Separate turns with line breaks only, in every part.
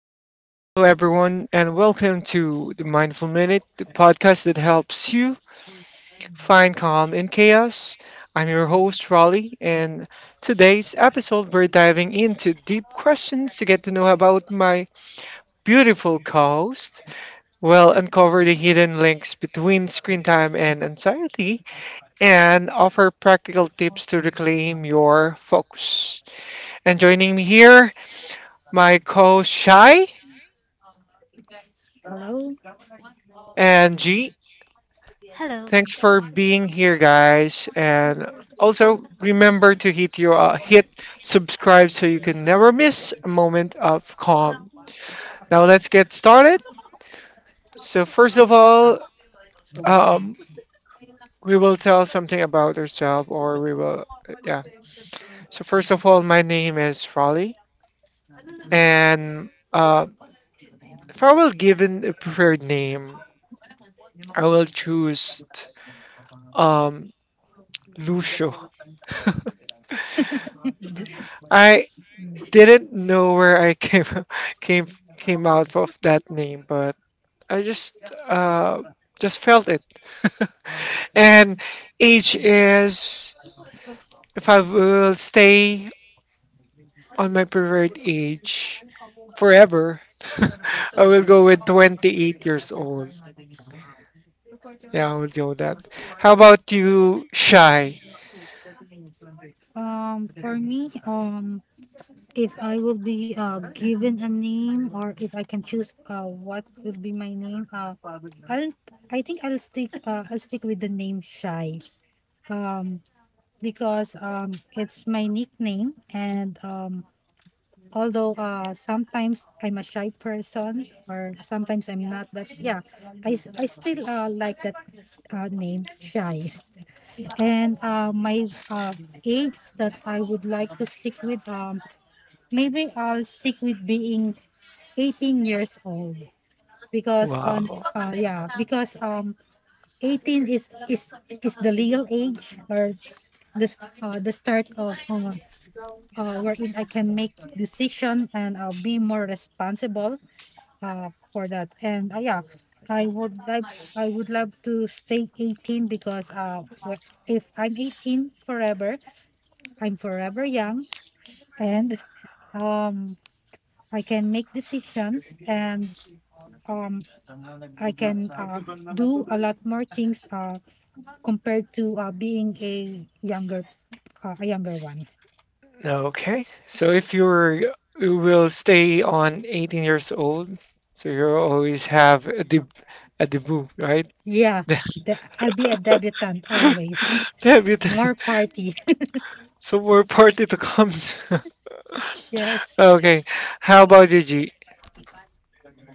Hello, everyone, and welcome to the Mindful Minute, the podcast that helps you find calm in chaos. I'm your host, Raleigh, and today's episode, we're diving into deep questions to get to know about my beautiful co host. We'll uncover the hidden links between screen time and anxiety and offer practical tips to reclaim your focus. And joining me here, my co Shy and G.
Hello.
Thanks for being here, guys. And also remember to hit your hit subscribe so you can never miss a moment of calm. Now let's get started. So first of all, um, we will tell something about ourselves, or we will, yeah. So first of all, my name is Raleigh, and if I will given a preferred name, I will choose um, Lucio. I didn't know where I came came came out of that name, but I uh just felt it. And age is, if I will stay on my preferred age forever, I will go with 28 years old. Yeah, I will do that. How about you, Shy?
For me, if I will be given a name or if I can choose what will be my name, I'll I think I'll stick with the name Shy. Um, because it's my nickname, and although sometimes I'm a shy person or sometimes I'm not, but yeah, I still like that name Shy. And my age that I would like to stick with, maybe I'll stick with being 18 years old because on
Wow.
yeah because 18 is the legal age, or the start of wherein I can make decision and I'll be more responsible for that. And yeah, I would like I would love to stay 18 because if I'm 18 forever, I'm forever young, and um I can make decisions, and um I can do a lot more things compared to being a younger one.
Okay. So if you're, you will stay on 18 years old, so you always have a debut, right?
Yeah, I'll be a debutante always.
Debut.
More party.
So more party to comes.
Yes.
Okay. How about you, G?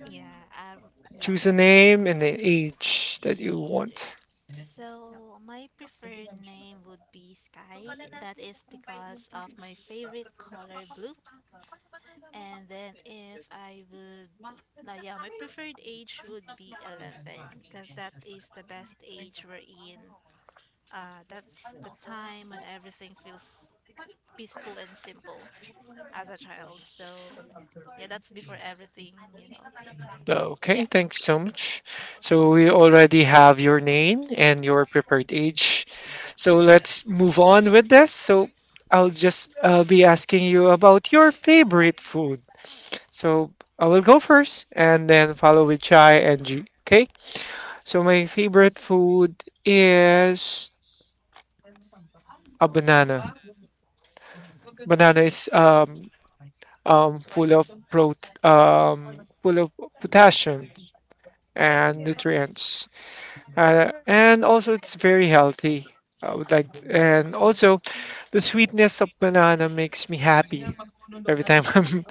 Yeah, yeah.
Choose a name and an age that you
Hey
want.
there. So my preferred name would be Sky. That is because of my favorite color blue. And then if I would, no, yeah, my preferred age would be 11 because that is the best age we're in. That's the time when everything feels peaceful and simple as a child. So yeah, that's before everything, you know.
Okay,
Yeah.
thanks so much. So we already have your name and your preferred age. So let's move on with this. So I'll just be asking you about your favorite food. So I will go first and then follow with Chai and G. Okay? So my favorite food is a banana. Banana is full of prote full of potassium and nutrients. And also, it's very healthy. I would like, and also, the sweetness of banana makes me happy every time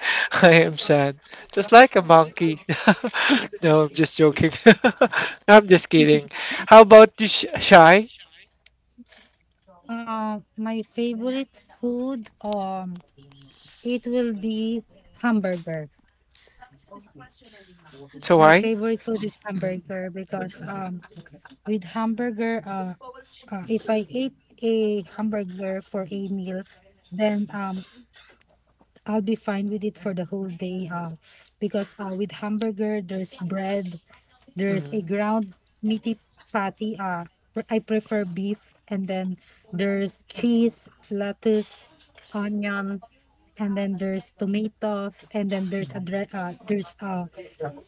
I am sad, just like a monkey. No, I'm just joking. I'm just kidding. How about you, Shy?
My favorite food, it will be hamburger.
So
My
why?
favorite food is
Mm,
hamburger because with hamburger. If I ate a hamburger for a meal, then I'll be fine with it for the whole day. Because with hamburger, there's bread, there's a
mm,
ground meaty fatty. I prefer beef, and then there's cheese, lettuce, onion, and then there's tomatoes, and then there's
mm.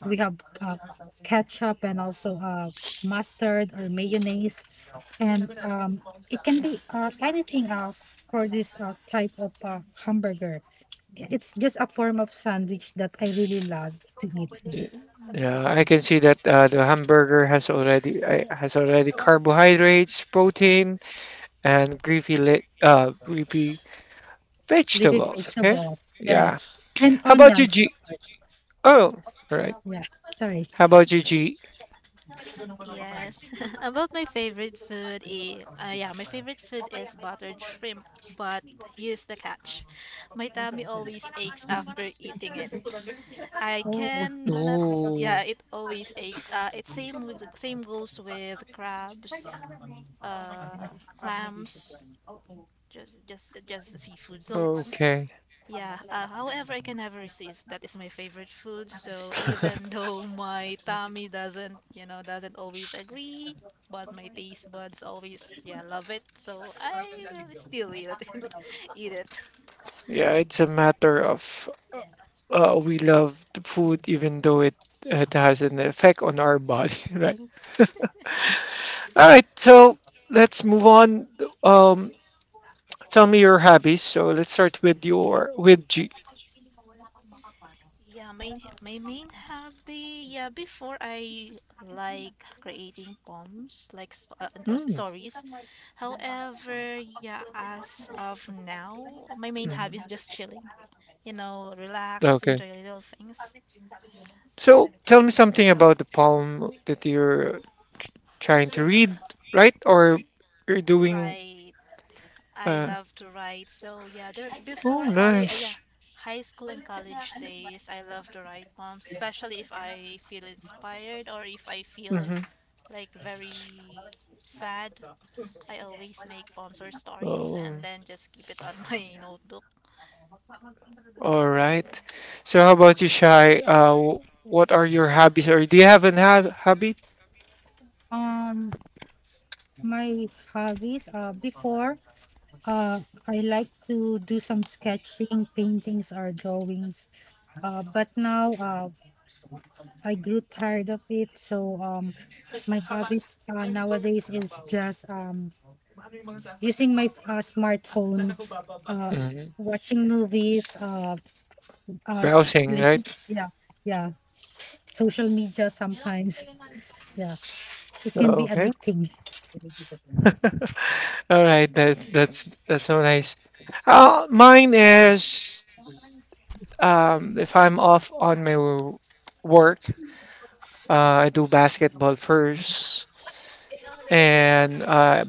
we have uh, ketchup and also mustard or mayonnaise, and it can be anything for this type of hamburger. It's just a form of sandwich that I really love to eat.
Ye- Yeah, I can see that the hamburger has already I has already carbohydrates, protein, and greasy,
Living
vegetables, okay?
vegetable,
Yeah.
yes, and
How about you,
onions, of
G?
course.
Oh, all right.
Yeah, sorry.
How about you, G?
Yes. About my favorite food, my favorite food is buttered shrimp, but here's the catch. My tummy always aches after eating it. I
Oh,
cannot,
Ooh,
yeah, It always aches. Same goes with crabs, uh, clams, just seafood. So
okay.
yeah, however, I can never resist. That is my favorite food. So even though my tummy doesn't, you know, doesn't always agree, but my taste buds always, yeah, love it. So I will still eat it. eat it.
Yeah, it's a matter of, we love the food even though it has an effect on our body, right? All right, so let's move on. Um, Tell me your hobbies. So let's start with your with G.
Yeah, main my main hobby. Yeah, before I like creating poems, like
Mm,
stories. However, yeah, as of now, my main hobby is
mhm.
just chilling. You know, relax,
Okay.
enjoy little things.
So tell me something about the poem that you're tr- trying to read, right? Or you're doing,
Right. I
uh,
love to write. So yeah, there
oh,
before college,
nice.
high school and college days, I love to write poems, especially if I feel inspired or if I feel
Hmm.
like very sad. I always make poems or stories
Oh,
and then just keep it on my notebook.
all
Mm.
right. So how about you, Shai? What are your hobbies? Or do you have an hab hobby?
um, my hobbies. Before, uh, I like to do some sketching, paintings, or drawings. But now I grew tired of it. So my hobbies nowadays is just using my smartphone, uh,
Hmm.
watching movies, uh,
Browsing, right?
yeah, yeah, social media sometimes. Yeah, it can be
Okay.
addicting.
All right. That's so nice. Mine is, if I'm off on my work, I do basketball first. And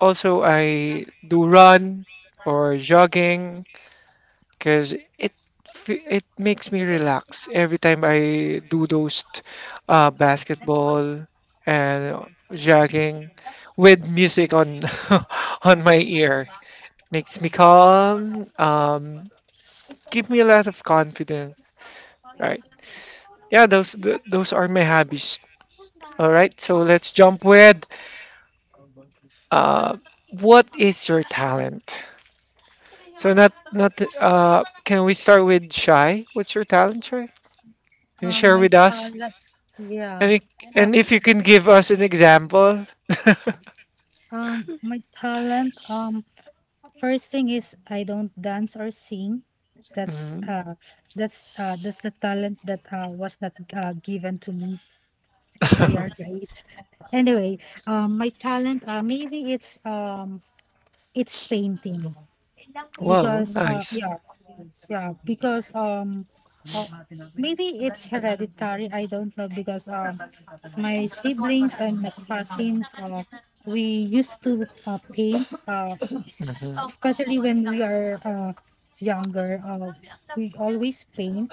also, I do run or jogging because it makes me relax every time I do those basketball and jogging with music on on my ear. Makes me calm. Give me a lot of confidence. Right? Yeah, those are my hobbies. All right. So let's jump with uh, what is your talent? So not not can we start with Shy? What's your talent, Shy? Can you share
My
with us?
talent, yeah.
And if,
Uh,
and if you can give us an example.
my talent. First thing is I don't dance or sing. That's
Mhm.
uh that's that's the talent that was not given to me by our grace. Anyway, my talent, maybe it's painting
Wow,
because
nice.
yeah because um uh, maybe it's hereditary. I don't know because my siblings and my cousins, we used to paint,
Hmm.
especially when we are younger. We always paint,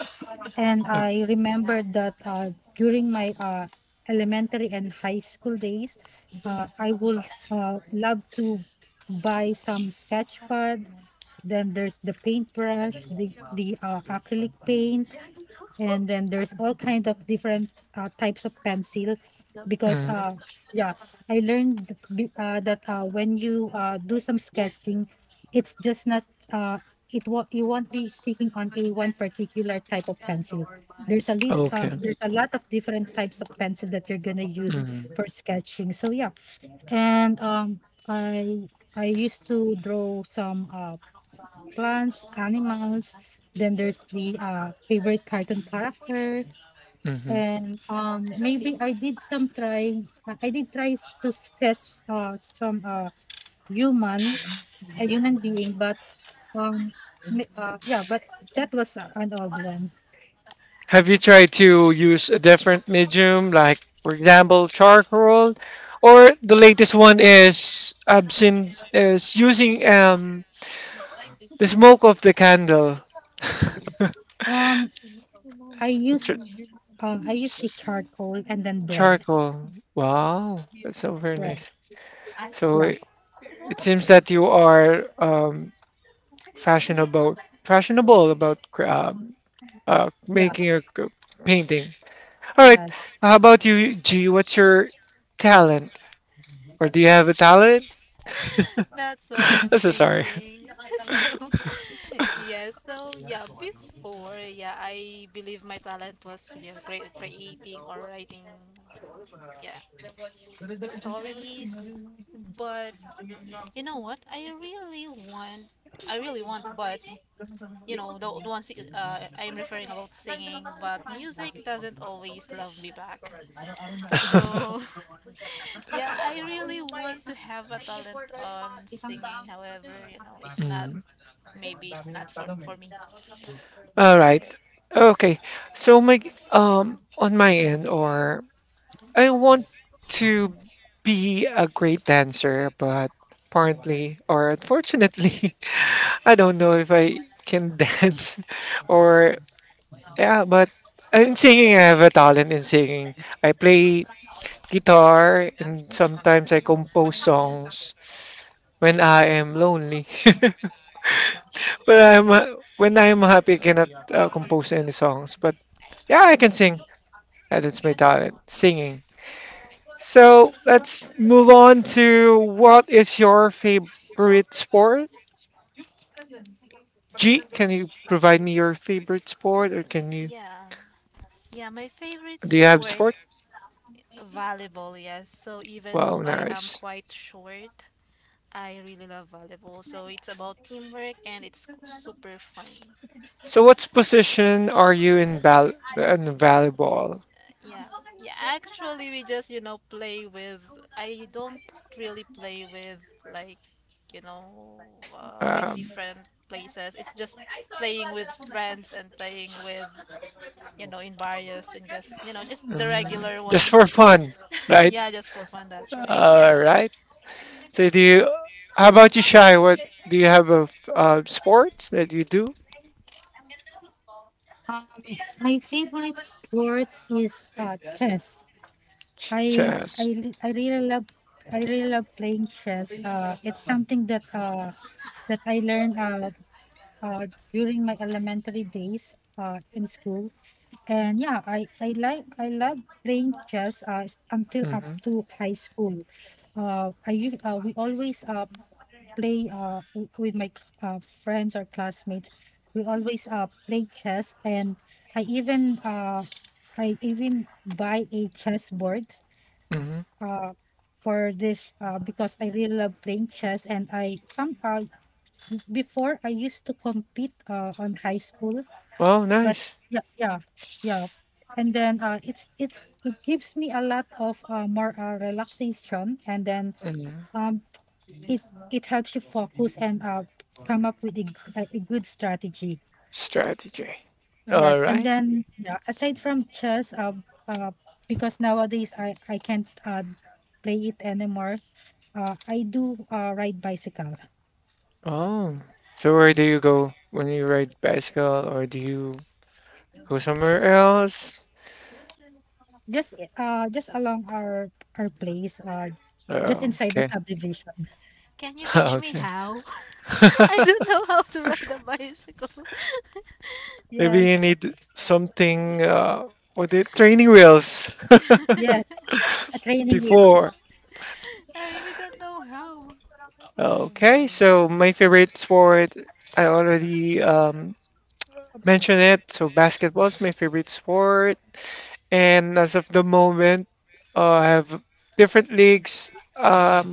and I remember that during my elementary and high school days, I would love to buy some sketch pad. Then there's the paintbrush, the acrylic paint, and then there's all kind of different types of pencil, because
Hmm.
yeah, I learned that when you do some sketching, it's just not uh, it won't you won't be sticking on a one particular type of pencil. There's a lit
Okay.
there's a lot of different types of pencil that you're gonna use
Mm-hmm.
for sketching. So yeah, and I I used to draw some plants, animals. Then there's the favorite cartoon character,
Mm-hmm.
and maybe I did try to sketch some human a human being, but um yeah, but that was an old one.
Have you tried to use a different medium, like for example, charcoal, or the latest one is absinthe, is using the smoke of the candle.
um I
What's
use I use a charcoal and then bread,
charcoal. Wow, that's so very
bread
nice. So
yeah,
it seems that you are, fashionable, fashionable about uh,
yeah,
making a c- painting. All right.
yes.
How about you, G? What's your talent, or do you have a talent?
That's what I'm
I'm so sorry.
thinking. So, yeah, so yeah, before, yeah, I believe my talent was creating or writing, yeah, stories. But you know what? I really want, but the ones I'm referring about singing, but music doesn't always love me back. So, yeah, I really want to have a talent on singing. However, you know, it's not,
Mm.
maybe it's not for me.
All right. Okay. So my, on my end, or I want to be a great dancer, but apparently or unfortunately, I don't know if I can dance or yeah, but in singing, I have a talent in singing. I play guitar and sometimes I compose songs when I am lonely. But I'm when I am happy, I cannot compose any songs. But yeah, I can sing. Yeah, that's my talent, singing. So let's move on to what is your favorite sport? G, can you provide me your favorite sport or can you,
Yeah. Yeah, my favorite
do you have
sport,
sport?
volleyball, yes. So, even
Wow,
though I am
nice.
quite short, I really love volleyball. So, it's about teamwork and it's super fun.
So what position are you in val in volleyball?
Yeah, yeah. Actually, we just play with. I don't really play with like you know with
Um,
different places. It's just playing with friends and playing with in barrios and just you know just the
mm,
regular
just for
ones.
fun, right?
Yeah, just for fun. That's right.
All
Yeah.
right. So do you, how about you, Shy? What, do you have a sport that you do?
My favorite sports is chess. I I
Chess.
li- I really love I really love playing chess. It's something that I learned during my elementary days in school. And yeah, I love playing chess, until up
Mm-hmm.
to high school. We always play with friends or classmates. We always play chess, and I even uh, I even buy a chess board
Mm-hmm.
uh for this, because I really love playing chess, and I somehow, before, I used to compete on high school.
Wow,
But
nice.
yeah, yeah, yeah. And then it's it gives me a lot of more relaxation, and then
Mm-hmm.
um it it helps you focus and come up with a good strategy.
Strategy. All
Yes. And
right.
then yeah, aside from chess, uh because nowadays I can't play it anymore, I do ride bicycle.
Oh. So where do you go when you ride bicycle or do you go somewhere else?
Just along our place, just
Oh,
inside the
okay.
subdivision.
Can you teach me
Okay.
how? I don't know how to ride a bicycle.
Maybe you
Yes,
need something, what, the training wheels
yes. Yes, a training wheels.
before.
I really don't know how. Oh
Okay,
my.
so my favorite sport, I already mentioned it. So basketball is my favorite sport and as of the moment, I have different leagues. Um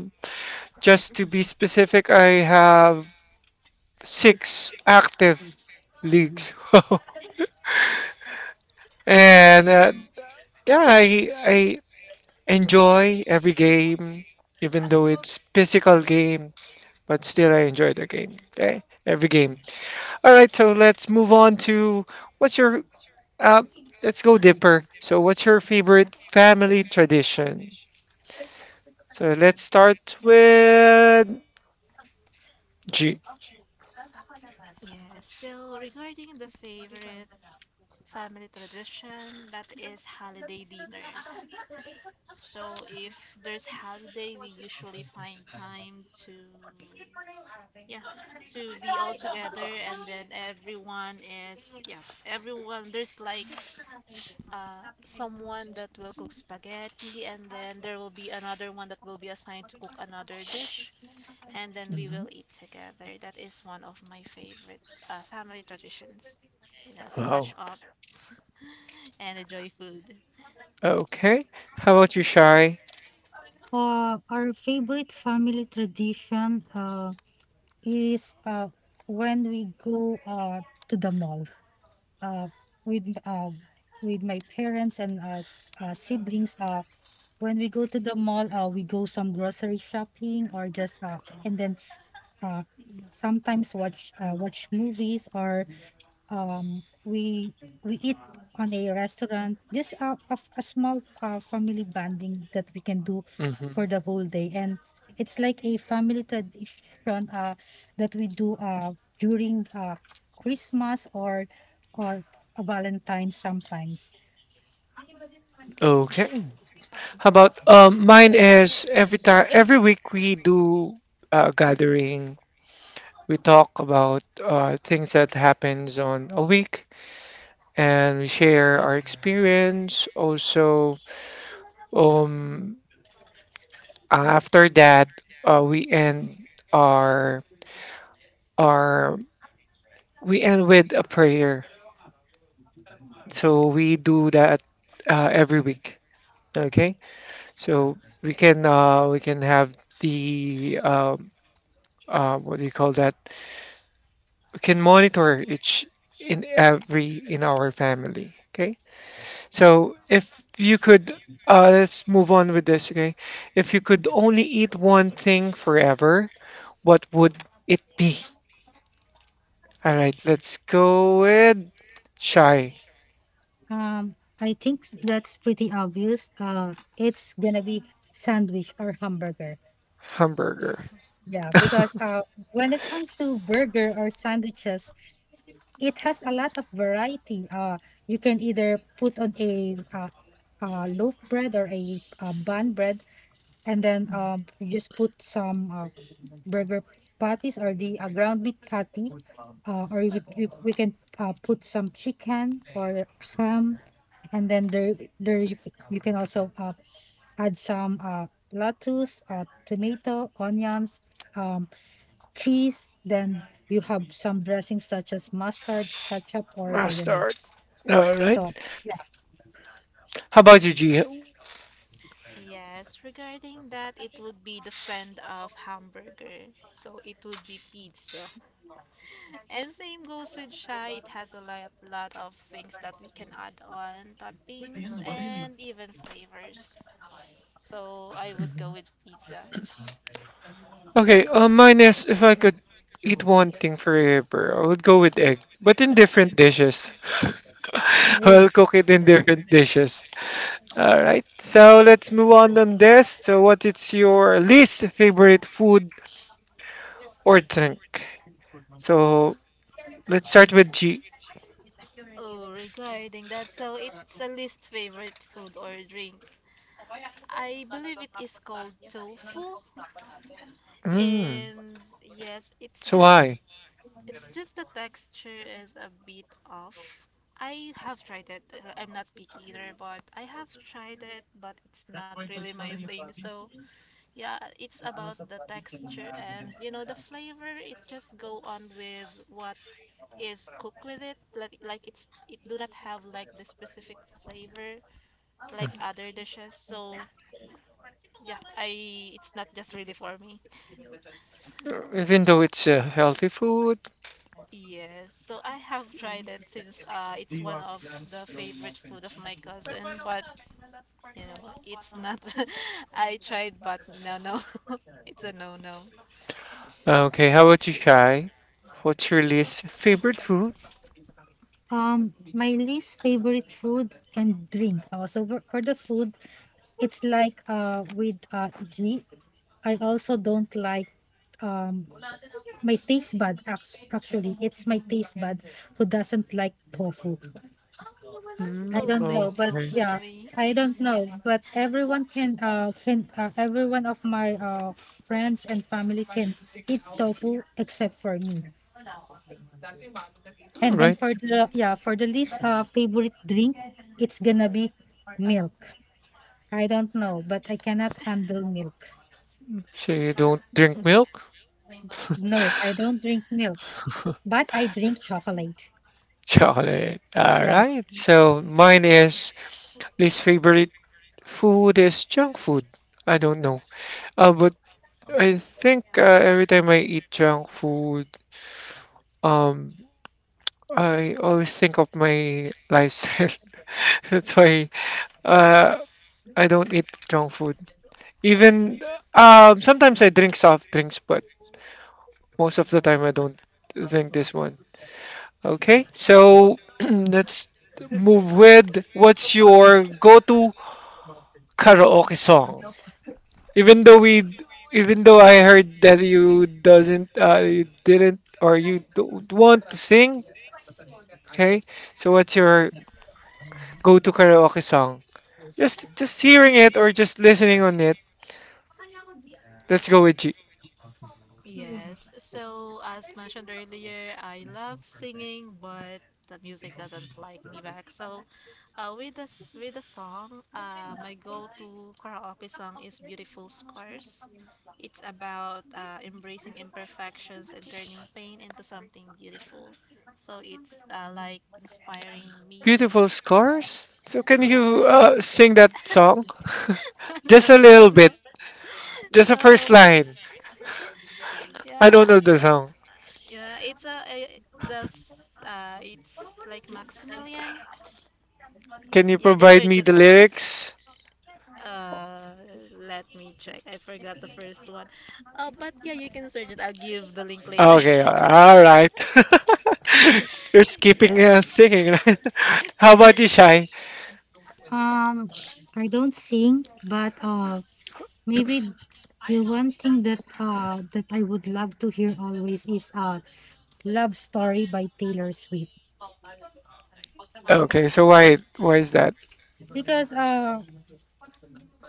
Just to be specific, I have six active leagues. And yeah, I enjoy every game, even though it's physical game, but still I enjoy the game. Okay, every game. All right, so let's move on to what's your, uh, let's go dipper. So what's your favorite family tradition? So let's start with G.
Yes, so regarding the favorite family tradition, that is holiday dinners. So if there's holiday, we usually find time yeah, to be all together, and then everyone, there's like someone that will cook spaghetti, and then there will be another one that will be assigned to cook another dish, and then we
Mhm.
will eat together. That is one of my favorite family traditions, to catch
Wow.
up and enjoy food.
Okay. How about you, Shy?
Our favorite family tradition is when we go to the mall, uh with uh with my parents and us siblings. When we go to the mall, we go some grocery shopping or just and then uh, sometimes watch movies, or um, we we eat on a restaurant. Just a small family bonding that we can do for the whole day, and it's like a family tradition that we do during Christmas, or or a Valentine sometimes.
Okay. How about, mine is every time every week we do a gathering. We talk about things that happens on a week and we share our experience. Also, um after that, uh, we end our our we end with a prayer. So we do that every week. Okay? So we can, we can have the what do you call that? We can monitor each in every in our family. Okay. So if you could, let's move on with this. Okay. If you could only eat one thing forever, what would it be? All right. Let's go with shy
I think that's pretty obvious. It's gonna be sandwich or hamburger.
hamburger.
Yeah, because when it comes to burger or sandwiches, it has a lot of variety. You can either put on a loaf bread, or a bun bread, and then you just put some burger patties, or the ground meat patty, or we can put some chicken or ham, and then there you, you can also add some lettuce, tomato, onions. Um, Cheese, then you have some dressings such as mustard, ketchup, or
I'll start.
mayonnaise.
All right.
So,
How about you, G?
Yes, regarding that, it would be the friend of hamburger, so it would be pizza. And same goes with Shy, it has a lot of things that we can add on, toppings, and even flavors. So I would go
Mhm.
with pizza.
Okay, minus if I could eat one thing forever, I would go with egg, but in different dishes.
oh,
I'll cook it in different dishes. All right, so let's move on this. So, what is your least favorite food or drink? So, let's start with G.
Oh, regarding that, so it's a least favorite food or drink. I believe it is called tofu,
Mm,
and yes, it's
so
just
why?
it's just the texture is a bit off. I have tried it. I'm not picky either, but I have tried it, but it's not really my thing. So, yeah, it's about the texture and you know the flavor. It just go on with what is cooked with it. Like it do not have like the specific flavor
Hmm.
like other dishes. So, yeah, I it's not just really for me.
Even though it's a healthy food.
Yes, so I have tried it since it's one of the favorite food of my cousin, but it's not. I tried, but no, no, it's a no, no.
Okay, how about you, Shai? What's your least favorite food?
my least favorite food and drink. Also, for the food, it's like with G. I also don't like um my taste bud. Act- Actually, it's my taste bud who doesn't like tofu. I
Mm,
Oh,
don't know,
same
but
goes
okay.
with
yeah,
me.
I don't know, but everyone can everyone of my friends and family can eat tofu except for me. And then
Right.
for the yeah for the least favorite drink, it's gonna be milk. I don't know, but I cannot handle milk.
So you don't drink milk?
No, I don't drink milk, but I drink chocolate.
Chocolate. All
Yeah.
right. So mine is least favorite food is junk food. I don't know. But I think every time I eat junk food, um, I always think of my lifestyle. That's why uh, I don't eat junk food. Even, sometimes I drink soft drinks, but most of the time I don't drink this one. Okay, so let's move with what's your go-to karaoke song? Even though we, even though
With-
I heard that you doesn't, you didn't, or you don't want to sing. Okay? So what's your go-to karaoke song? Just hearing it or just listening on it. Let's go with G.
Yes, so as mentioned earlier, I love singing, but the music doesn't like me back. So with the song, my go-to karaoke song is "Beautiful Scars." It's about embracing imperfections and turning pain into something beautiful. So it's like inspiring me.
Beautiful Scars? So can
Yes,
you
by
sing that song? Just
no,
a little
no, no,
bit. Just a first
no.
line. I don't
Yeah,
know the song.
yeah. It's it's like Maximilian.
Can you
Yeah, just
provide
search
me
it.
the lyrics?
Uh, Let me check. I forgot the first one. But yeah, you can search it. I'll give the link later.
Okay, all right. You're skipping
Yeah.
singing, right? How about you, Shy?
Um, I don't sing, but maybe the one thing that I would love to hear always is Love Story by Taylor Swift.
Okay, so why is that?
Because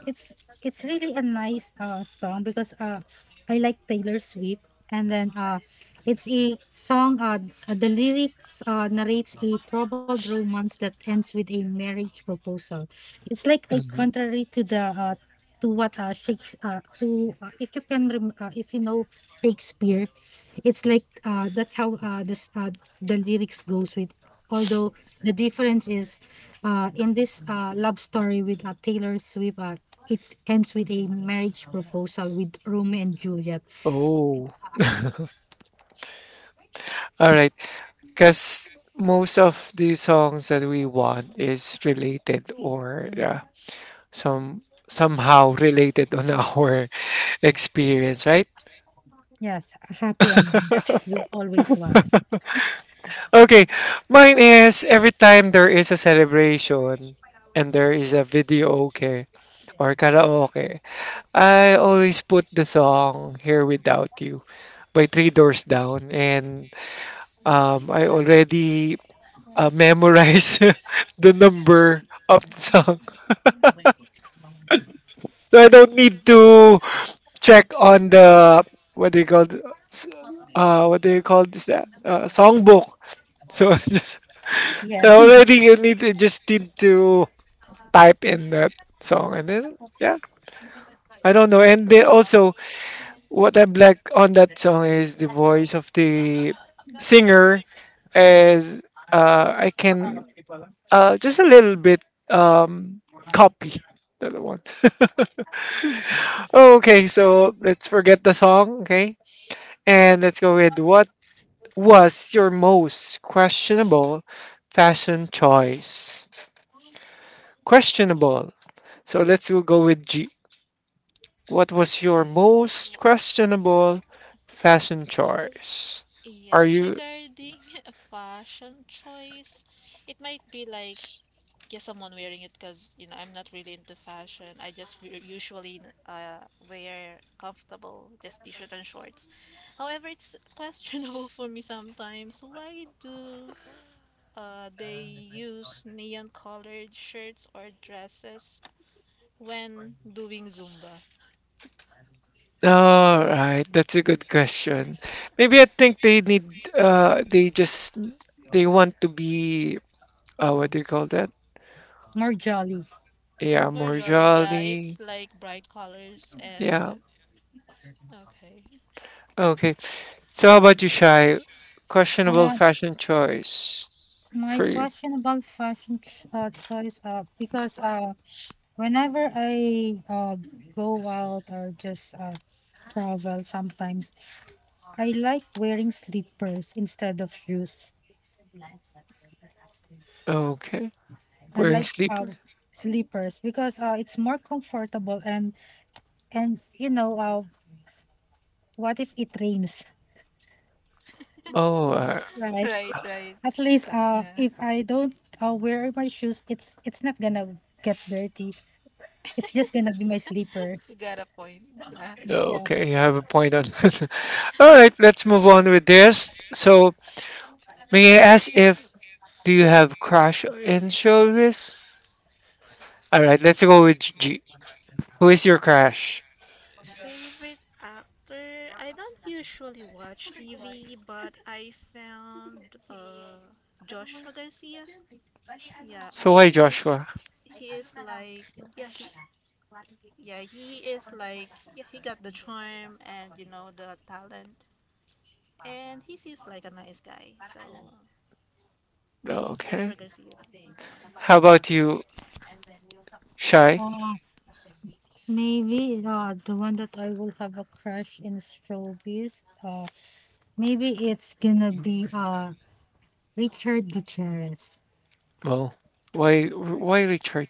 it's it's really a nice song, because I like Taylor Swift, and then it's a song, the lyrics narrates a troubled romance that ends with a marriage proposal. It's like a
Mhm.
contrary to the to what Shakes to if you can if you know Shakespeare. It's like that's how this the lyrics goes with, although the difference is in this love story with Taylor Swift, it ends with a marriage proposal, with Romeo and Juliet.
Oh. All right. Because most of the songs that we want is related or some somehow related on our experience, right?
Yes, a happy ending, that's what we always want.
Okay, mine is every time there is a celebration and there is a video okay or karaoke, I always put the song Here Without You by Three Doors Down and, I already memorize the number of the song. So I don't need to check on the, what do you call s- what do you call this that, songbook. So I just,
Yeah.
so already you need to just need to type in that song and then yeah I don't know and then also what I like on that song is the voice of the singer, as I can, just a little bit, copy the other one. Okay, so let's forget the song, okay? And let's go with what was your most questionable fashion choice? Questionable. So let's go with G. What was your most questionable fashion choice? Are
Yes,
you
regarding a fashion choice, it might be like guess someone wearing it because I'm not really into fashion. I just usually wear comfortable just t-shirt and shorts. However, it's questionable for me sometimes. Why do they use neon-colored shirts or dresses when doing Zumba?
all right? That's a good question. Maybe I think they need they want to be what do you call that?
More jolly.
Yeah,
For
more
Jolly, yeah, it's
jolly.
like bright colors
Yeah.
and okay,
Okay. So how about you, Shy? Questionable
uh
fashion choice.
my
For you.
question about fashion choice, because whenever I go out or just travel sometimes, I like wearing slippers instead of shoes.
Okay.
I
Wearing
like
sleeper.
slippers because it's more comfortable, and you know what if it rains,
Oh, uh,
right?
right, right,
At least
yeah.
if I don't wear my shoes, it's not gonna get dirty. It's just gonna be my
You
slippers.
got a point, yeah.
no,
Yeah.
okay. You have a point on that. All right. Let's move on with this. May I ask if do you have crush in showbiz? All right. Let's go with G. Who is your crush?
Favorite actor? I don't usually watch TV, but I found Joshua Garcia. Yeah,
So
I
why
think
Joshua?
he is like yeah, he got the charm and the talent, and he seems like a nice guy. So
No,
Joshua
okay.
Garcia would be the one.
How about you, Shy?
Uh, Maybe the one that I will have a crush in showbiz. Maybe it's gonna be Richard Gutierrez.
Well, why Richard?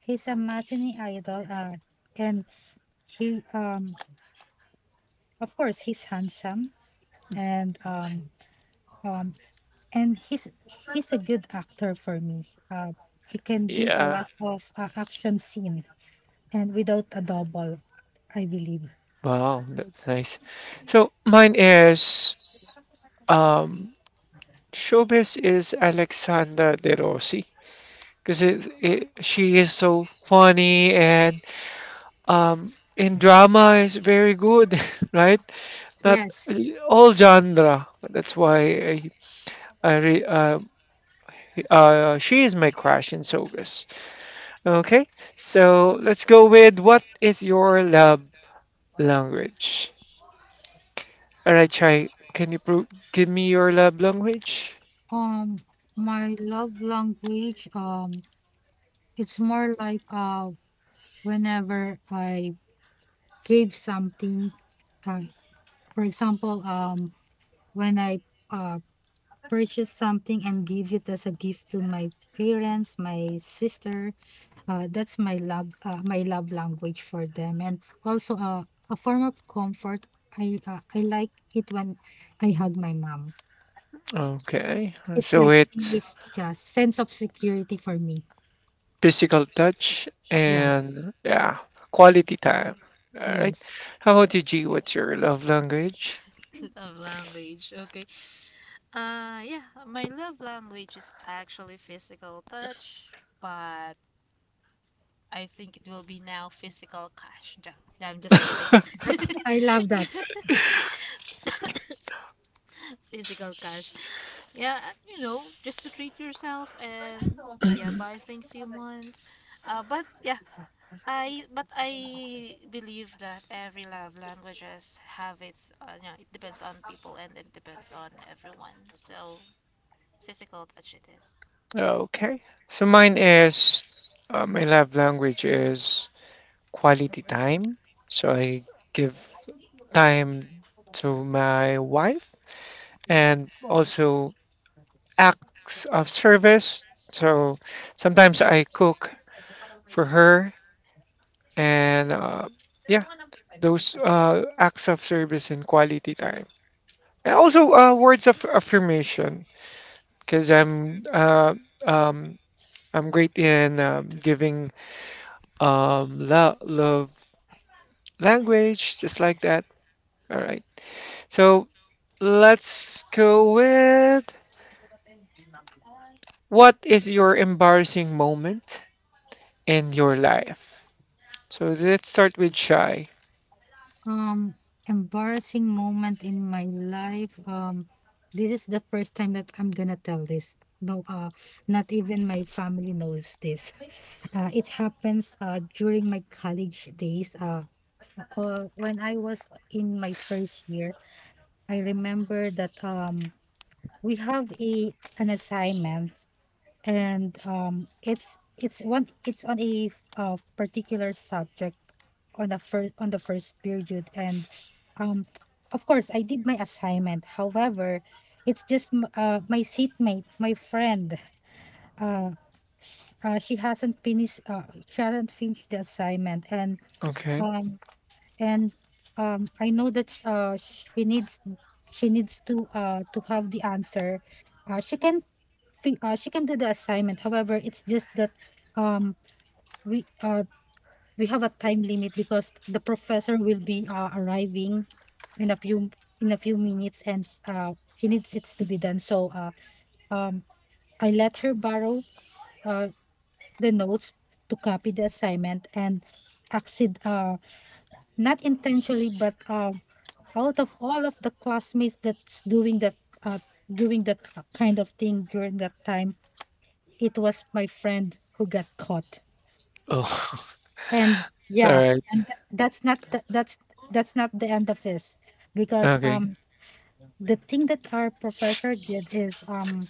He's a matinee idol, and he of course he's handsome, and um and he's he's a good actor for me. Uh, he can do a
Yeah.
lot of action scene and without a double, I believe.
Wow, that's nice. So mine is um showbiz is Alexander De Rossi, because she is so funny and um in drama is very good, right? Not
Yes.
all genre. That's why I re, uh, she is my crush in Sogas. Okay, so let's go with what is your love language? All right, Chai, can you give me your love language?
Um, my love language, it's more like whenever I give something, uh, for example, when I uh purchase something and give it as a gift to my parents, my sister. That's my love language for them, and also a form of comfort. I like it when I hug my mom.
Okay,
It's
so
like
it's
it's just sense of security for me.
physical touch
Yes,
and, yeah, quality time. All right.
yes,
How about you, G? What's your love language?
Love language, okay. Yeah, my love language is actually physical touch, but I think it will be now physical cash. I'm just kidding.
I love that.
Physical cash. Yeah, just to treat yourself and yeah, buy things you want. But yeah, I believe that every love languages have its it depends on people and it depends on everyone. So physical touch it is.
Okay. So mine is my love language is quality time. So I give time to my wife, and also acts of service. So sometimes I cook for her, and yeah, those acts of service and quality time. And also, words of affirmation, because um, I'm great in giving lo love language, just like that. All right. So let's go with what is your embarrassing moment in your life? So let's start with Shy.
Um, Embarrassing moment in my life. This is the first time that I'm gonna tell this. No, not even my family knows this. It happens during my college days. When I was in my first year. I remember that we have a an assignment, and it's on a particular subject on the first period, and um, of course I did my assignment. However, it's just my seatmate, my friend. Uh, she hasn't finished. She hasn't finished the assignment, and
Okay.
Um, and I know that she needs she needs to have the answer. She can she can do the assignment. However, it's just that um we uh we have a time limit because the professor will be arriving in a few in a few minutes, and she needs it to be done. So um I let her borrow uh the notes to copy the assignment and accident not intentionally but out of all of the classmates that's doing that, uh doing that kind of thing during that time, it was my friend who got caught.
Oh,
And
all
yeah,
right.
and that's not the end of this, because
Okay.
the thing that our professor did is,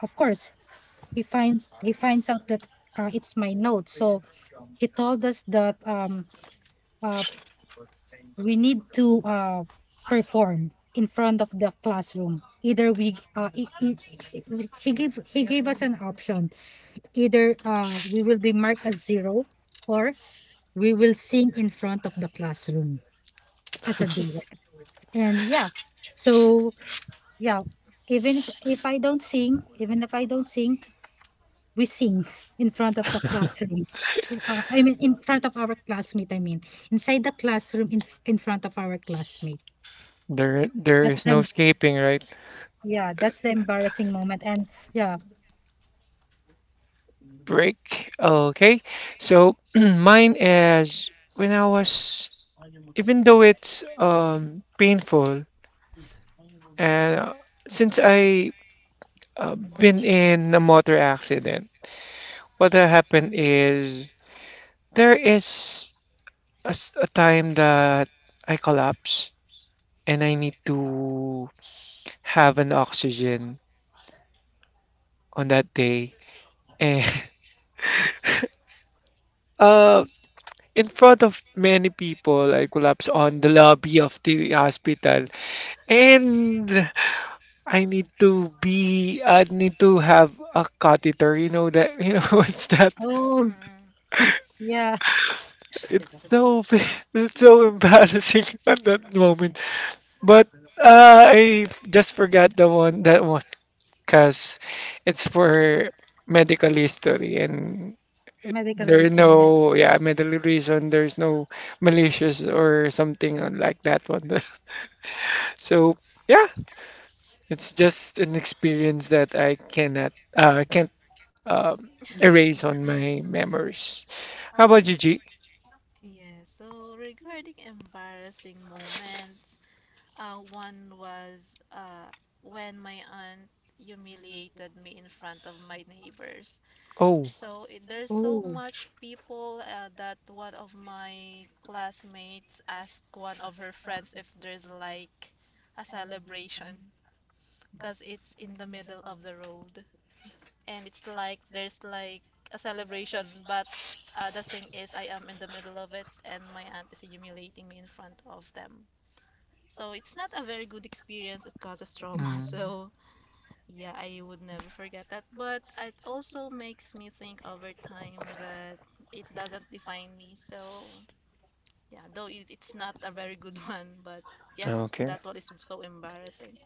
of course, he finds out that it's my note. So he told us that uh, we need to perform in front of the classroom. Either we, he gave us an option. Either we will be marked as zero, or we will sing in front of the classroom as a duet. And yeah, so yeah, even if I don't sing, we sing in front of the classroom. I mean, in front of our classmate. I mean, inside the classroom, in front of our classmate.
There is no
Um,
escaping, right?
Yeah, that's the embarrassing moment. And yeah.
Break. Okay, so mine is when I was, even though it's painful, and since I been in a motor accident, what had happened is there is a time that I collapse, and I need to have an oxygen on that day. And uh, in front of many people, I collapse on the lobby of the hospital. And I need to have a catheter. You know that, you know, what's that?
Oh,
Mm-mm.
yeah.
It's so, it's so embarrassing at that moment. But I just forgot the one, that one, because it's for medical history, and
Medical
there are
reason, yes.
no, yeah, medical reason. There's no malicious or something like that one. So yeah, it's just an experience that I cannot, can't um, erase on my memories. How about you, G?
Yeah, so regarding embarrassing moments, one was when my aunt humiliated me in front of my neighbors.
Oh,
So there's so
Oh,
much people that one of my classmates asked one of her friends if there's like a celebration, because it's in the middle of the road, and it's like there's like a celebration, but the thing is I am in the middle of it, and my aunt is humiliating me in front of them. So it's not a very good experience, it causes trauma.
mm,
So yeah, I would never forget that, but it also makes me think over time that it doesn't define me. So yeah, though it's not a very good one, but yeah,
okay.
that one is so embarrassing.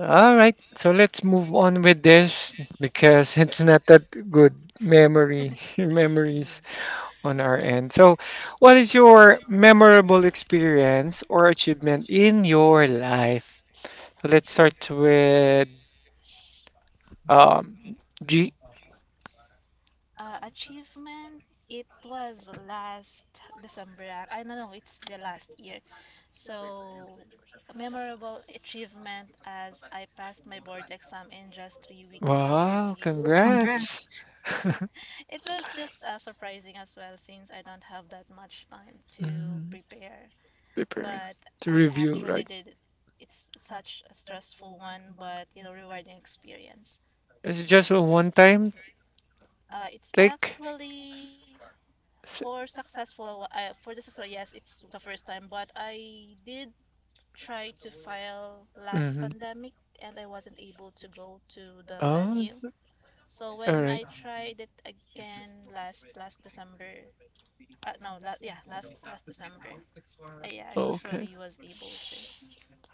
All right. So let's move on with this because it's not that good memory
Yeah.
memories on our end. So, what is your memorable experience or achievement in your life? So let's start with um, G.
Achievement, it was last December. Ah. I don't know, it's the last year. So a memorable achievement as I passed my board exam in just 3 weeks of
Wow,
review.
oh,
congrats.
congrats.
It was just surprising as well, since I don't have that much time to
Mm.
prepare,
Prepare
but
to
I
review,
actually
right?
did it. It's such a stressful one, but rewarding experience.
Is it just a one-time
It's
take?
actually for the successful, yes. It's the first time, but I did try to file last
Mm-hmm.
pandemic and I wasn't able to go to the
Oh,
venue. So
all
when
right.
I tried it again last December, no la- yeah last last december I
Okay.
actually was able to.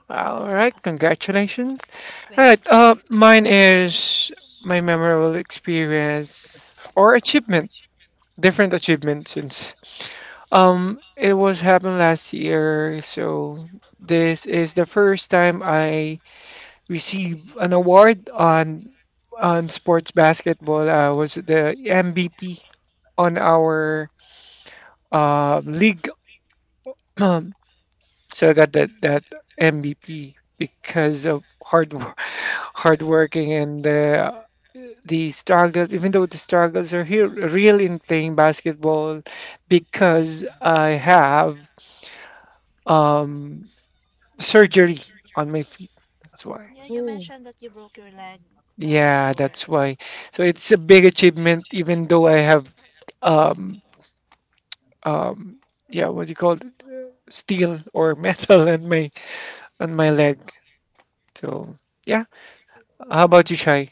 All right.
Last
Congratulations. All
thing.
right. Mine is my memorable experience or achievement, different achievement since it was happened last year. So this is the first time I received an award on sports basketball. I was the MVP on our league. So I got that MVP because of hard working and the struggles. Even though the struggles are here real in playing basketball, because I have um, surgery on my feet. That's why.
Yeah, you
Oh,
mentioned that you broke your leg
Yeah,
before,
that's
right?
why. So it's a big achievement, even though I have um um yeah, what do you call it? Steel or metal on my leg.
Mm.
So yeah, how about you, Shai?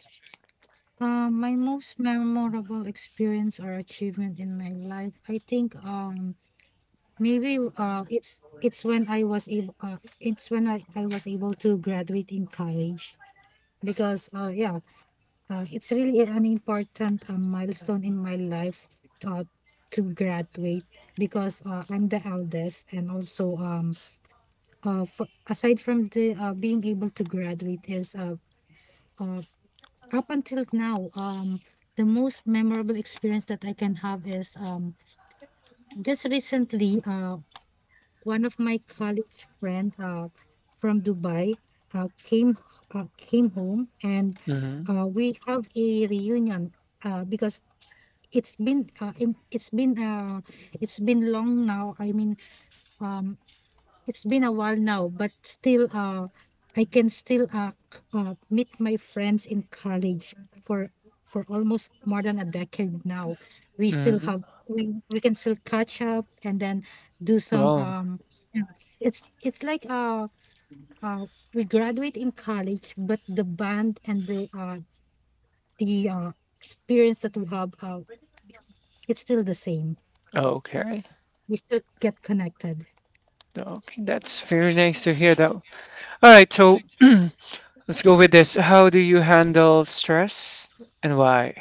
my most memorable experience or achievement in my life, I think, maybe, uh, it's when I was able, uh, it's when I was able to graduate in college because, yeah, it's really an important milestone in my life, uh, to graduate, because I'm the eldest, and also for, aside from the being able to graduate, is uh up until now, the most memorable experience that I can have is, just recently, one of my college friend from Dubai came, came home, and
Hmm.
we have a reunion, because it's been uh, im- it's been uh it's been long now. I mean, um it's been a while now, but still I can still meet my friends in college for for almost more than a decade now. we still
Hmm.
have we we can still catch up, and then do some,
Well,
you know, it's like uh we graduate in college, but the band and the the uh experience that we have, it's still the same.
okay,
We should get connected.
okay, that's very nice to hear that. All right, so let's go with this. How do you handle stress, and why?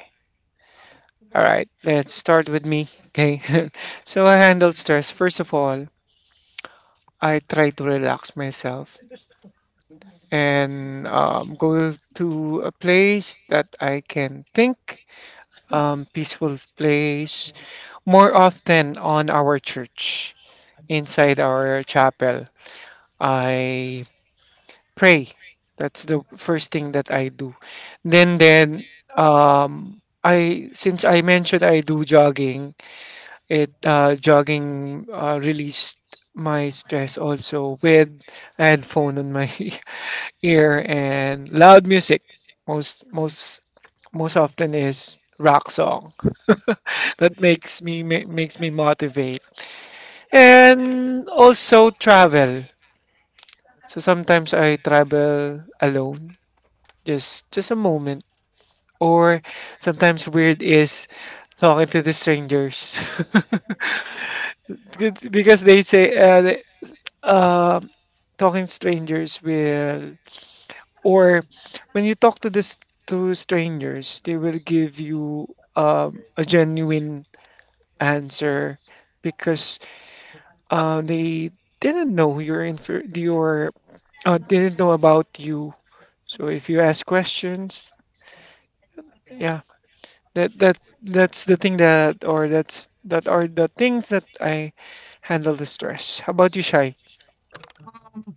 All right, let's start with me. Okay, so I handle stress. First of all, I try to relax myself and go to a place that I can think, peaceful place. More often on our church, inside our chapel. I pray. That's the first thing that I do. Then I, since I mentioned I do jogging, it jogging released my stress also with headphone on my ear and loud music. Most most Most often is rock song that makes me motivate, and also travel. So sometimes I travel alone, just a moment. Or sometimes weird is talking to the strangers. It's because they say um talking strangers will, or when you talk to this to strangers, they will give you a genuine answer, because they didn't know your infer your didn't know about you. So if you ask questions, yeah. That that that's the thing that are the things that I handle the stress. How about you, Shai?
Um,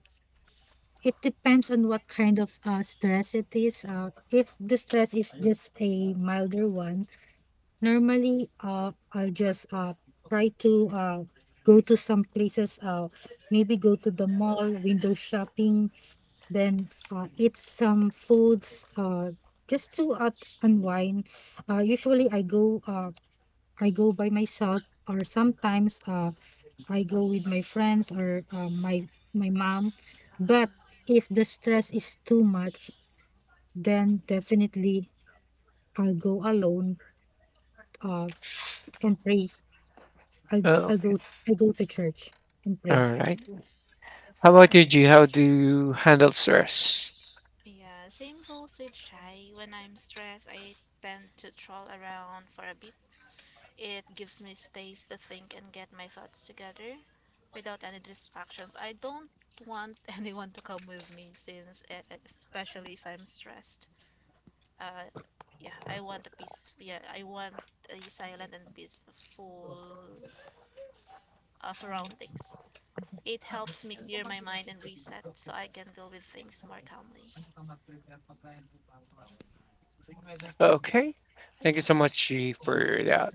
it depends on what kind of stress it is. If the stress is just a milder one, normally I'll just try to go to some places, maybe go to the mall, window shopping, then eat some foods, just to unwind. Usually I go, I go by myself, or sometimes I go with my friends or my my mom. But if the stress is too much, then definitely I'll go alone, uh, and pray.
Oh,
I'll
okay.
go I go to church and pray.
All right. How about you, G? How do you handle stress?
Yeah, same goes with Shy. When I'm stressed, I tend to troll around for a bit. It gives me space to think and get my thoughts together without any distractions. I don't want anyone to come with me since, especially if I'm stressed. Uh, yeah, I want a peace. Yeah, I want a silent and peaceful surroundings. It helps me clear my mind and reset so I can deal with things more calmly.
Okay. Thank you so much, G, for that.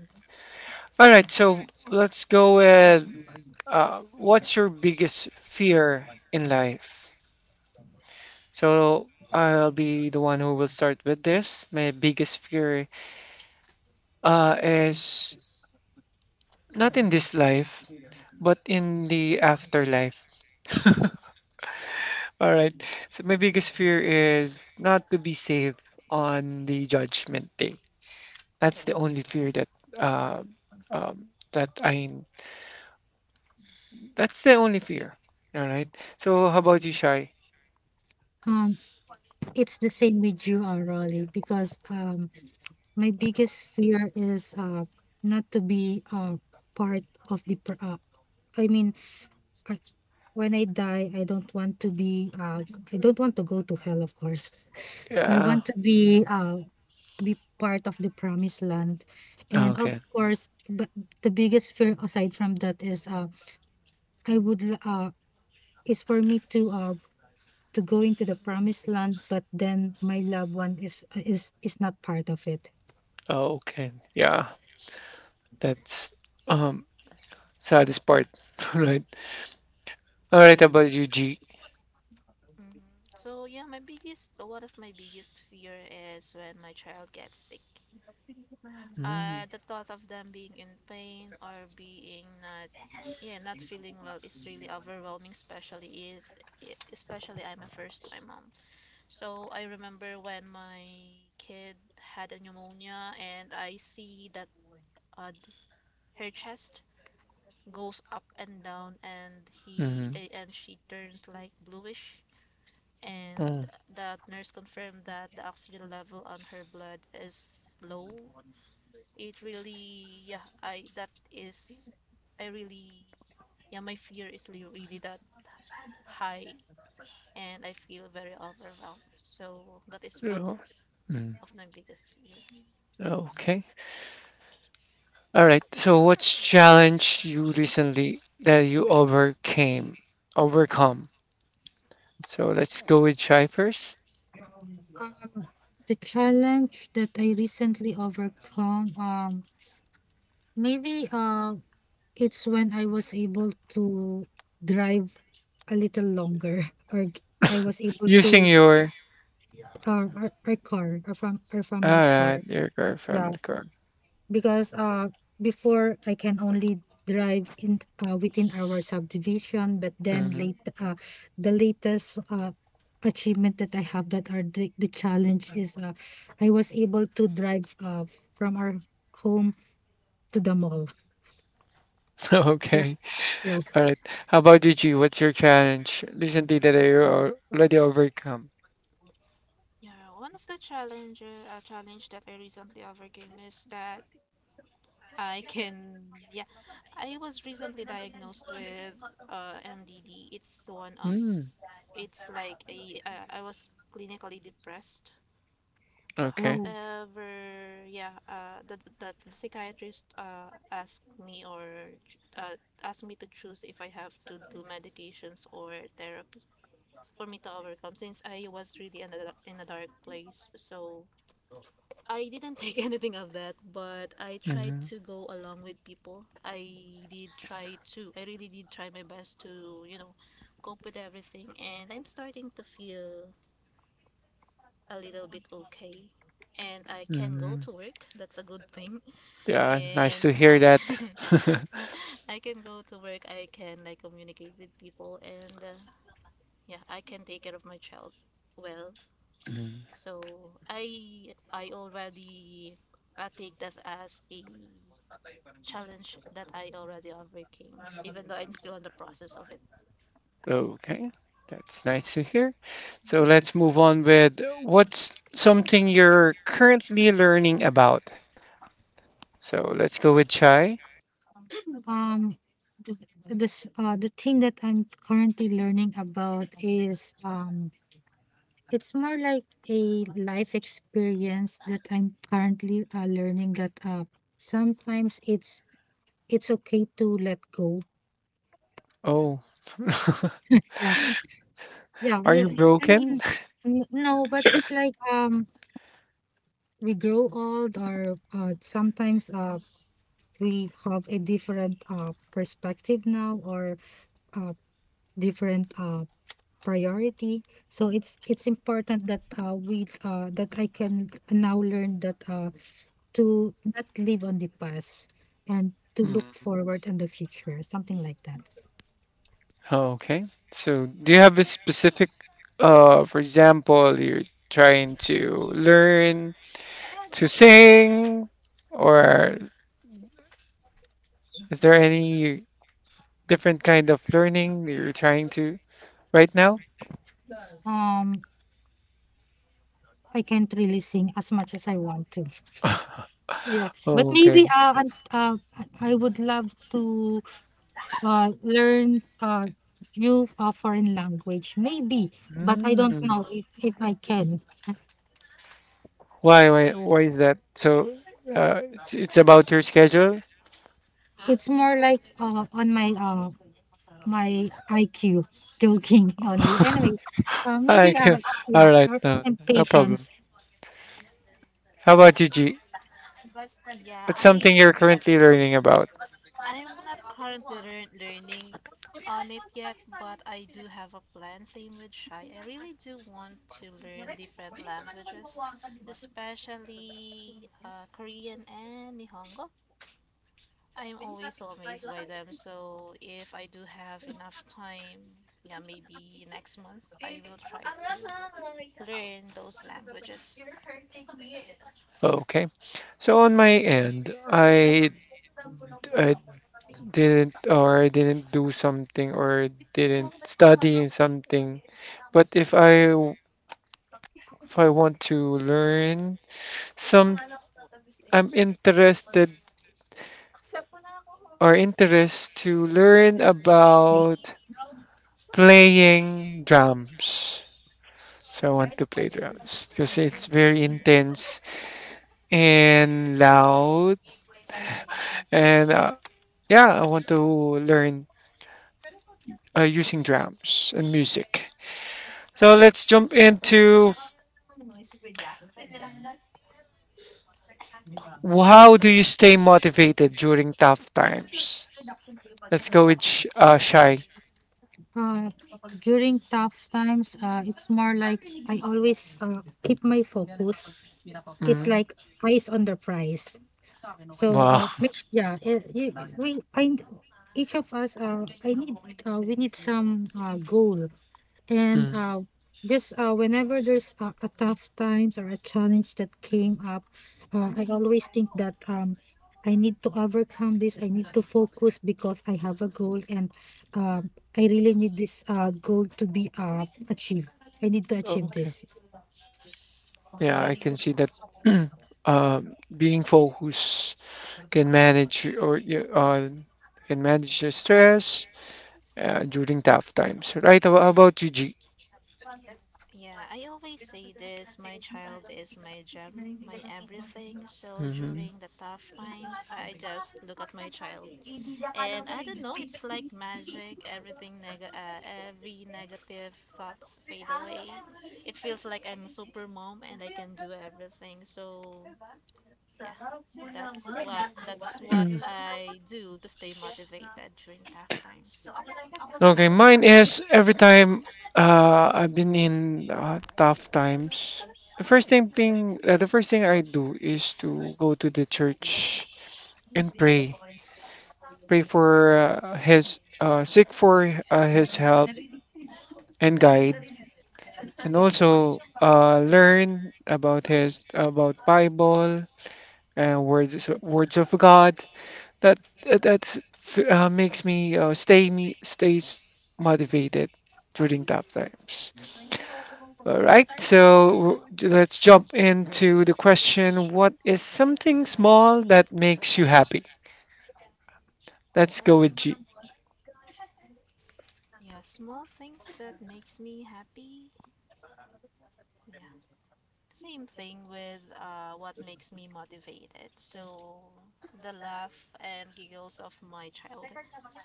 All right. So let's go with what's your biggest fear in life? So I'll be the one who will start with this. My biggest fear is not in this life, but in the afterlife. All right. So my biggest fear is not to be saved on the judgment day. That's the only fear that uh, um, that I that's the only fear. All right. So how about you, Shai?
Um, it's the same with you, Rolly, because my biggest fear is not to be part of the pr- I mean, when I die, I don't want to be I don't want to go to hell, of course. I
Yeah.
want to be part of the promised land. And
Okay.
of course, but the biggest fear aside from that is I would is for me to go into the promised land, but then my loved one is not part of it.
Oh, okay. Yeah. That's um saddest part. All right. All right. How about you, G?
Mhm. So yeah, my biggest one of my biggest fear is when my child gets sick.
Mm,
The thought of them being in pain or being not feeling well is really overwhelming. Especially I'm a first-time mom. So I remember when my kid had a pneumonia, and I see that uh, her chest goes up and down, and he
mm,
eh, and she turns like bluish,
mm,
and
oh,
that nurse confirmed that the oxygen level on her blood is low. It really, yeah, I that is, I really, yeah, my fear is really that high, and I feel very overwhelmed. So that is
yeah,
one
mm,
of my biggest fear.
okay. All right. So what's challenge you recently that you overcame? Overcome. So let's go with Chai first.
Um, the challenge that I recently overcome, maybe, it's when I was able to drive a little longer or I was able
Using
to
your,
our, car, our
all
family car.
right, your car,
Yeah,
family car.
because before I can only drive in, within our subdivision, but then
Hmm.
late the latest achievement that I have, that are the challenge, is I was able to drive, from our home to the mall. Yeah,
Okay.
yeah.
All right. How about you, G? What's your challenge recently that you already overcome?
Yeah, one of the challenge that I recently overcame is that I can yeah I was recently diagnosed with MDD. It's one of
Mm,
it's like a I was clinically depressed.
okay.
However, yeah, the psychiatrist ch- uh, asked me to choose if I have to do medications or therapy for me to overcome since I was really in a dark place. So I didn't take anything of that, but I tried
Hmm.
to go along with people. I did try to, I really did try my best to, cope with everything, and I'm starting to feel a little bit okay, and I can go
Hmm.
to work. That's a good thing.
Yeah, nice to
And
hear
I
that.
I can go to work. I can like communicate with people and yeah, I can take care of my child well.
Mm.
So I already I take that as a challenge that I already overcame, even though I'm still in the process of it.
Okay, that's nice to hear. So let's move on with what's something you're currently learning about? So let's go with Chai.
Um, the, this the thing that I'm currently learning about is, it's more like a life experience that I'm currently learning, that sometimes it's okay to let go.
Oh,
Yeah, yeah.
are you
I
broken?
mean, no, but it's like, we grow old, or sometimes we have a different perspective now, or uh different priority. So it's important that we that I can now learn that to not live on the past, and to look
Hmm,
forward in the future, something like that.
okay. So do you have a specific, for example, you're trying to learn to sing, or is there any different kind of learning you're trying to right now?
Um, I can't really sing as much as I want to. Yeah, but
Okay.
maybe I'm, I would love to learn few foreign language maybe, but I don't know if I can.
Why is that? So, it's about your schedule?
It's more like on my my IQ, joking only. Anyway, maybe
Okay.
yeah,
All right. No,
and
no problem.
patience.
How about you, G?
Yeah,
What's something
I
you're currently learning about?
I'm not currently learn- learning on it yet, but I do have a plan. Same with Shy. I really do want to learn different languages, especially Korean and Nihongo. I'm always so amazed by them. So if I do have enough time, yeah, maybe next month I will try to learn those languages.
Okay. So on my end, I I didn't do something or didn't study in something, but if I want to learn some, I'm interest to learn about playing drums. So I want to play drums because it's very intense and loud. And yeah, I want to learn using drums and music. So let's jump into how do you stay motivated during tough times? Let's go with Shy.
Uh, During tough times, it's more like I always keep my focus. It's
Mm,
like eyes on the prize. So
wow.
make, we I each of us, I need, we need some, goal. And
Mm,
just whenever there's, a tough times or a challenge that came up, I always think that, I need to overcome this. I need to focus because I have a goal, and um, I really need this, goal to be, achieved. I need to achieve
okay.
this.
Yeah, I can see that being focused can manage your- or you- uh, can manage your stress during tough times, right? How about you, G?
Yeah, I always say this, my child is my gem, my everything. So
Mhm.
during the tough times, I just look at my child. And I don't know, it's like magic. Every negative thoughts fade away. It feels like I'm a super mom and I can do everything. So, yeah. That's what I do to stay motivated during tough times.
Okay, mine is every time I've been in tough times. The first thing I do is to go to the church and pray, pray for seek for his help and guide, and also learn about his about Bible and words of God. That that makes me stays motivated during tough times. All right, so let's jump into the question: What is something small that makes you happy? Let's go with G.
Yeah, small things that makes me happy. Yeah. Same thing with what makes me motivated. So the laugh and giggles of my child.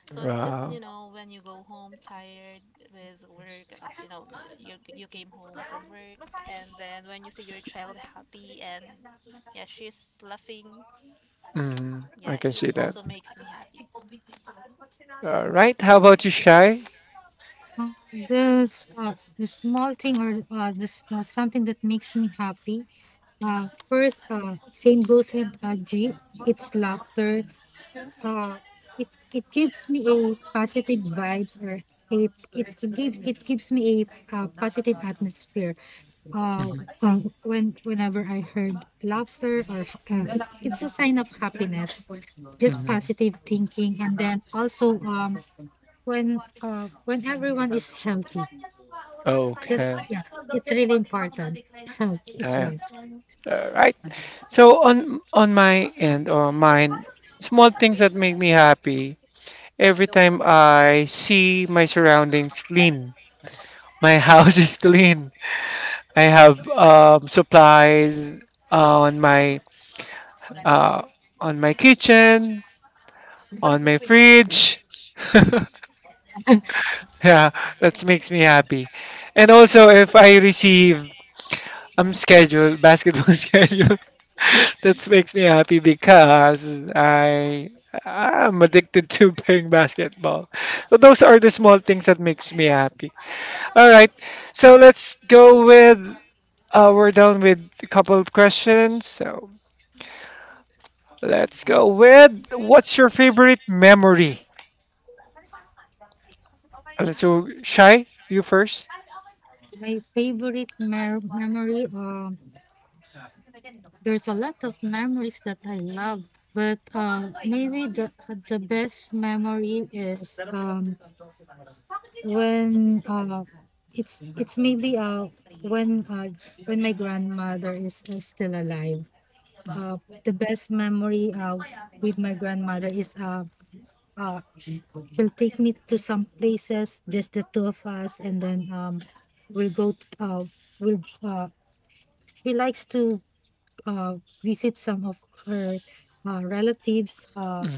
So just
Wow,
when you go home tired with work, you you came home from work, and then when you see your child happy, and yeah, she's laughing.
mm, I
Yeah,
can
it
see that.
also makes me happy.
All right, how about you, Shy?
The small thing, or this something that makes me happy. First, same goes with G. It's laughter. Uh, it it gives me a positive vibes, or a, it give it gives me a, positive atmosphere. Uh,
Hmm.
when whenever I heard laughter, or it's a sign of happiness, just
Hmm.
positive thinking, and then also, when everyone is healthy, that's,
Okay.
yeah, it's really important. Health is
Uh,
wealth.
all right. So on my end or mine, small things that make me happy. Every time I see my surroundings clean, my house is clean. I have supplies on my uh, on my kitchen, on my fridge. Yeah, that makes me happy. And also, if I receive schedule basketball schedule, that makes me happy because I I'm addicted to playing basketball. So those are the small things that makes me happy. All right. So let's go with we're done with a couple of questions. So let's go with what's your favorite memory? Let's go Shy, you first.
My favorite memory, there's a lot of memories that I love, but maybe the best memory is, when it's maybe when uh, when my grandmother is still alive. Uh, the best memory with my grandmother is she'll take me to some places, just the two of us, and then, we'll go to, we'll, she likes to uh, visit some of her relatives.
Mm,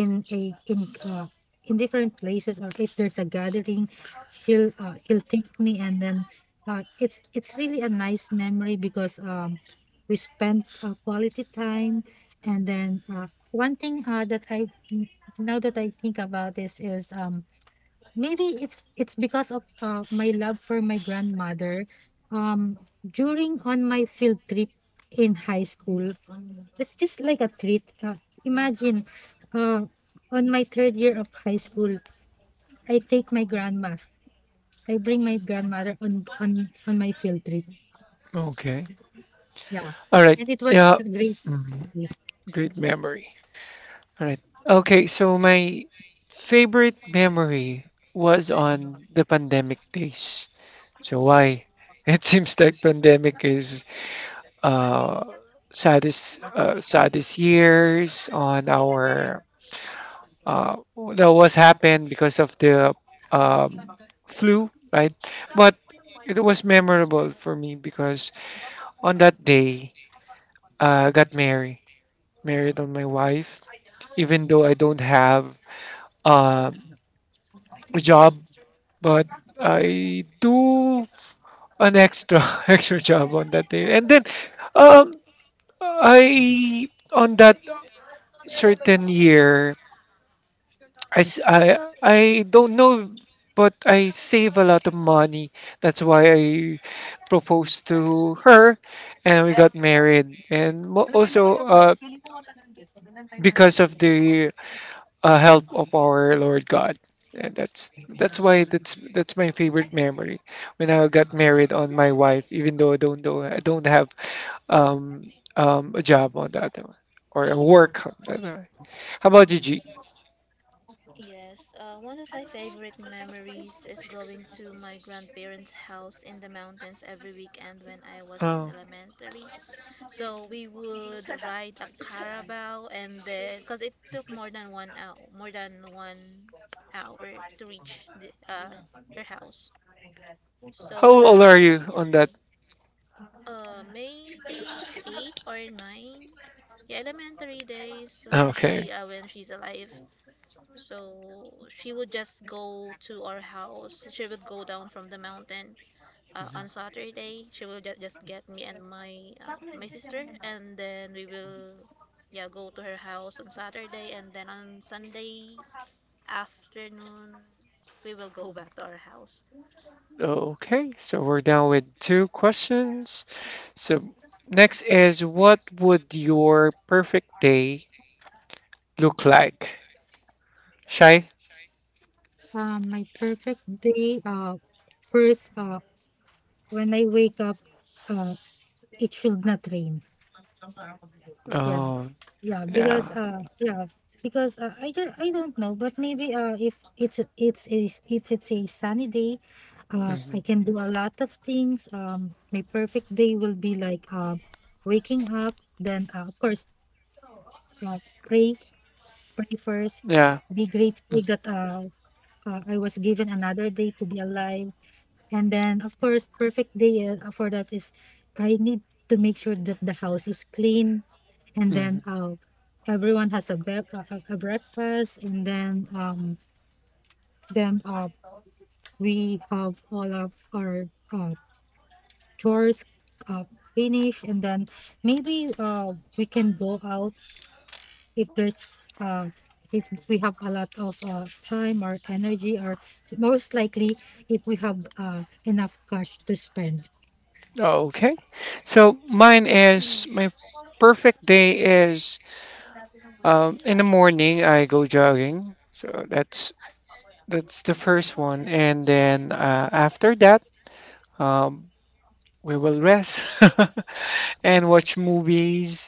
In a in in different places, or if there's a gathering, she'll take me, and then it's really a nice memory because, we spent, quality time, and then one thing, that I, now that I think about this, is, maybe it's because of my love for my grandmother. Um, During on my field trip in high school, it's just like a treat. Imagine, uh, on my third year of high school, I take my grandma. I bring my grandmother on my field trip.
okay.
Yeah,
All right.
and it was
Yeah.
a great
Mhm.
day.
Great memory. All right. Okay, so my favorite memory was on the pandemic days. So why? It seems like pandemic is uh, saddest saddest years on our uh, that was happened because of the um, flu, right? But it was memorable for me because on that day I got married, married on my wife. Even though I don't have um a job, but I do an extra extra job on that day, and then um, I on that certain year I don't know, but I save a lot of money. That's why I proposed to her and we got married. And also because of the help of our Lord God. And that's why that's my favorite memory when I got married on my wife, even though I don't have um, a job on that one, or a work on that one. How about you, G?
Yes, one of my favorite memories is going to my grandparents' house in the mountains every weekend when I was in
Uh,
elementary. So we would ride a caravel, and then because it took more than 1 hour, more than 1 hour to reach her house.
how
So that
old are you on that?
maybe 8 or 9, yeah, elementary days when
Okay.
she when she's alive. So she would just go to our house. She would go down from the mountain on Saturday. She will just get me and my my sister, and then we will yeah go to her house on Saturday, and then on Sunday afternoon we will go back to our house.
Okay, so we're down with two questions. So next is what would your perfect day look like? Shy?
My perfect day. First. When I wake up, uh, it should not rain. Yeah,
Oh, yeah.
yeah, because I just I don't know, but maybe if it's a- it's is if it's a sunny day,
Hmm.
I can do a lot of things. My perfect day will be like, waking up, then of course, uh, pray, first,
Yeah.
be grateful that I was given another day to be alive. And then, of course, perfect day for that is I need to make sure that the house is clean, and
Hmm.
then everyone has a, has a breakfast, and then, then uh, we have all of our uh, chores uh, finished, and then maybe we can go out if there's, uh, if we have a lot of time or energy, or most likely if we have enough cash to spend.
Okay. So mine is my perfect day is in the morning I go jogging. So that's the first one, and then after that um, we will rest and watch movies.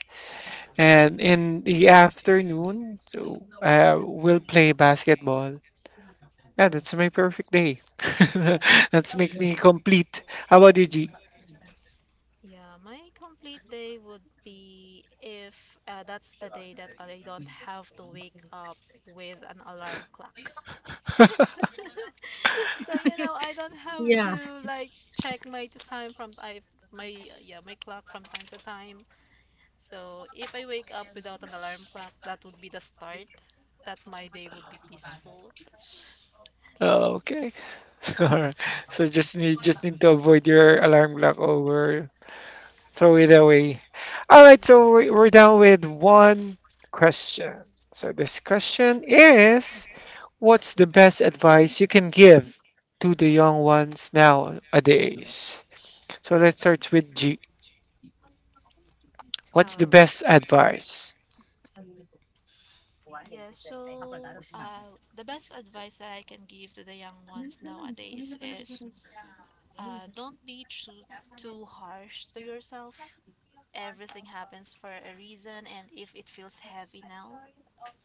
And in the afternoon, so we'll play basketball. Yeah, that's my perfect day. That's make me complete. How about you, G?
Yeah, my complete day would be if that's the day that I don't have to wake up with an alarm clock. So, you know, I don't have
Yeah.
to like time from I my yeah, my clock from time to time. So if I wake up without an alarm clock, that would be the start that my day would be peaceful.
Oh, okay. All right. So just need to avoid your alarm clock over, throw it away. All right. So we're down with one question. So this question is, what's the best advice you can give to the young ones nowadays? So let's start with G. What's
Uh,
the best advice?
yeah, so the best advice that I can give to the young ones nowadays is don't be too harsh to yourself. Everything happens for a reason, and if it feels heavy now,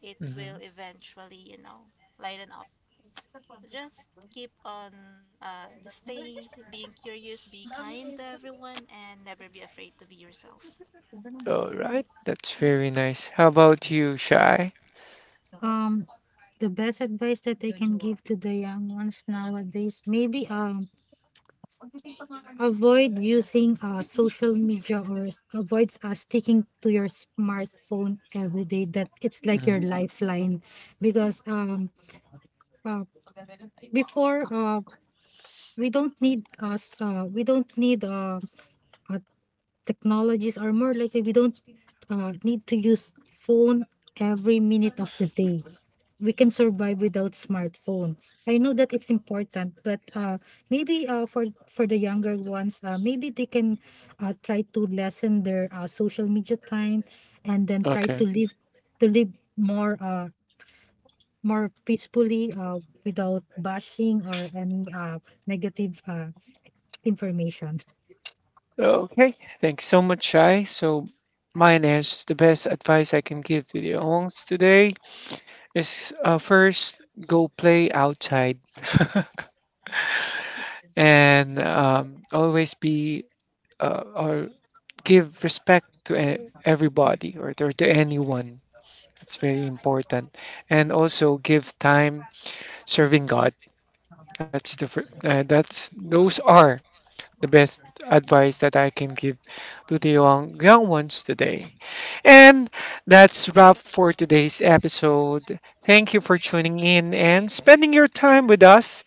it will
Hmm.
eventually, lighten up. Just keep on just stay being curious, be kind to everyone, and never be afraid to be yourself.
All right, that's very nice. How about you, Shai?
um the best advice that I can give to the young ones nowadays, maybe, avoid using social media, or avoid sticking to your smartphone every day, that it's like your
Mhm.
lifeline. Because, uh, before we don't need us we don't need uh technologies, or more likely we don't need to use phone every minute of the day. We can survive without smartphone. I know that it's important, but maybe for the younger ones, maybe they can try to lessen their social media time, and then try to
Okay.
live to live more, more peacefully, without bashing or any negative information.
Okay, thanks so much, Shai. So, mine is the best advice I can give to the owns today is first go play outside and always be or give respect to everybody or to anyone. It's very important. And also give time serving God. That's the fir- that's Those are the best advice that I can give to the young ones today. And that's wrap for today's episode. Thank you for tuning in and spending your time with us.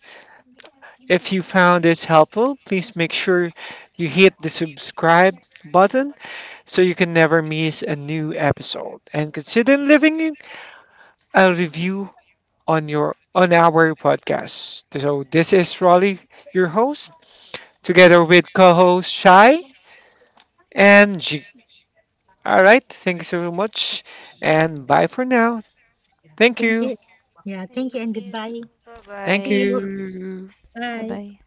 If you found this helpful, please make sure you hit the subscribe button so you can never miss a new episode, and consider leaving a review on your on our podcast. So this is Raleigh, your host, together with co host Shai and G. All right, thank you so much, and bye for now. Thank
Thank
you.
you. Yeah, thank you,
Thank
and
you.
goodbye.
Thank
See you.
you.
Bye
Bye.
bye.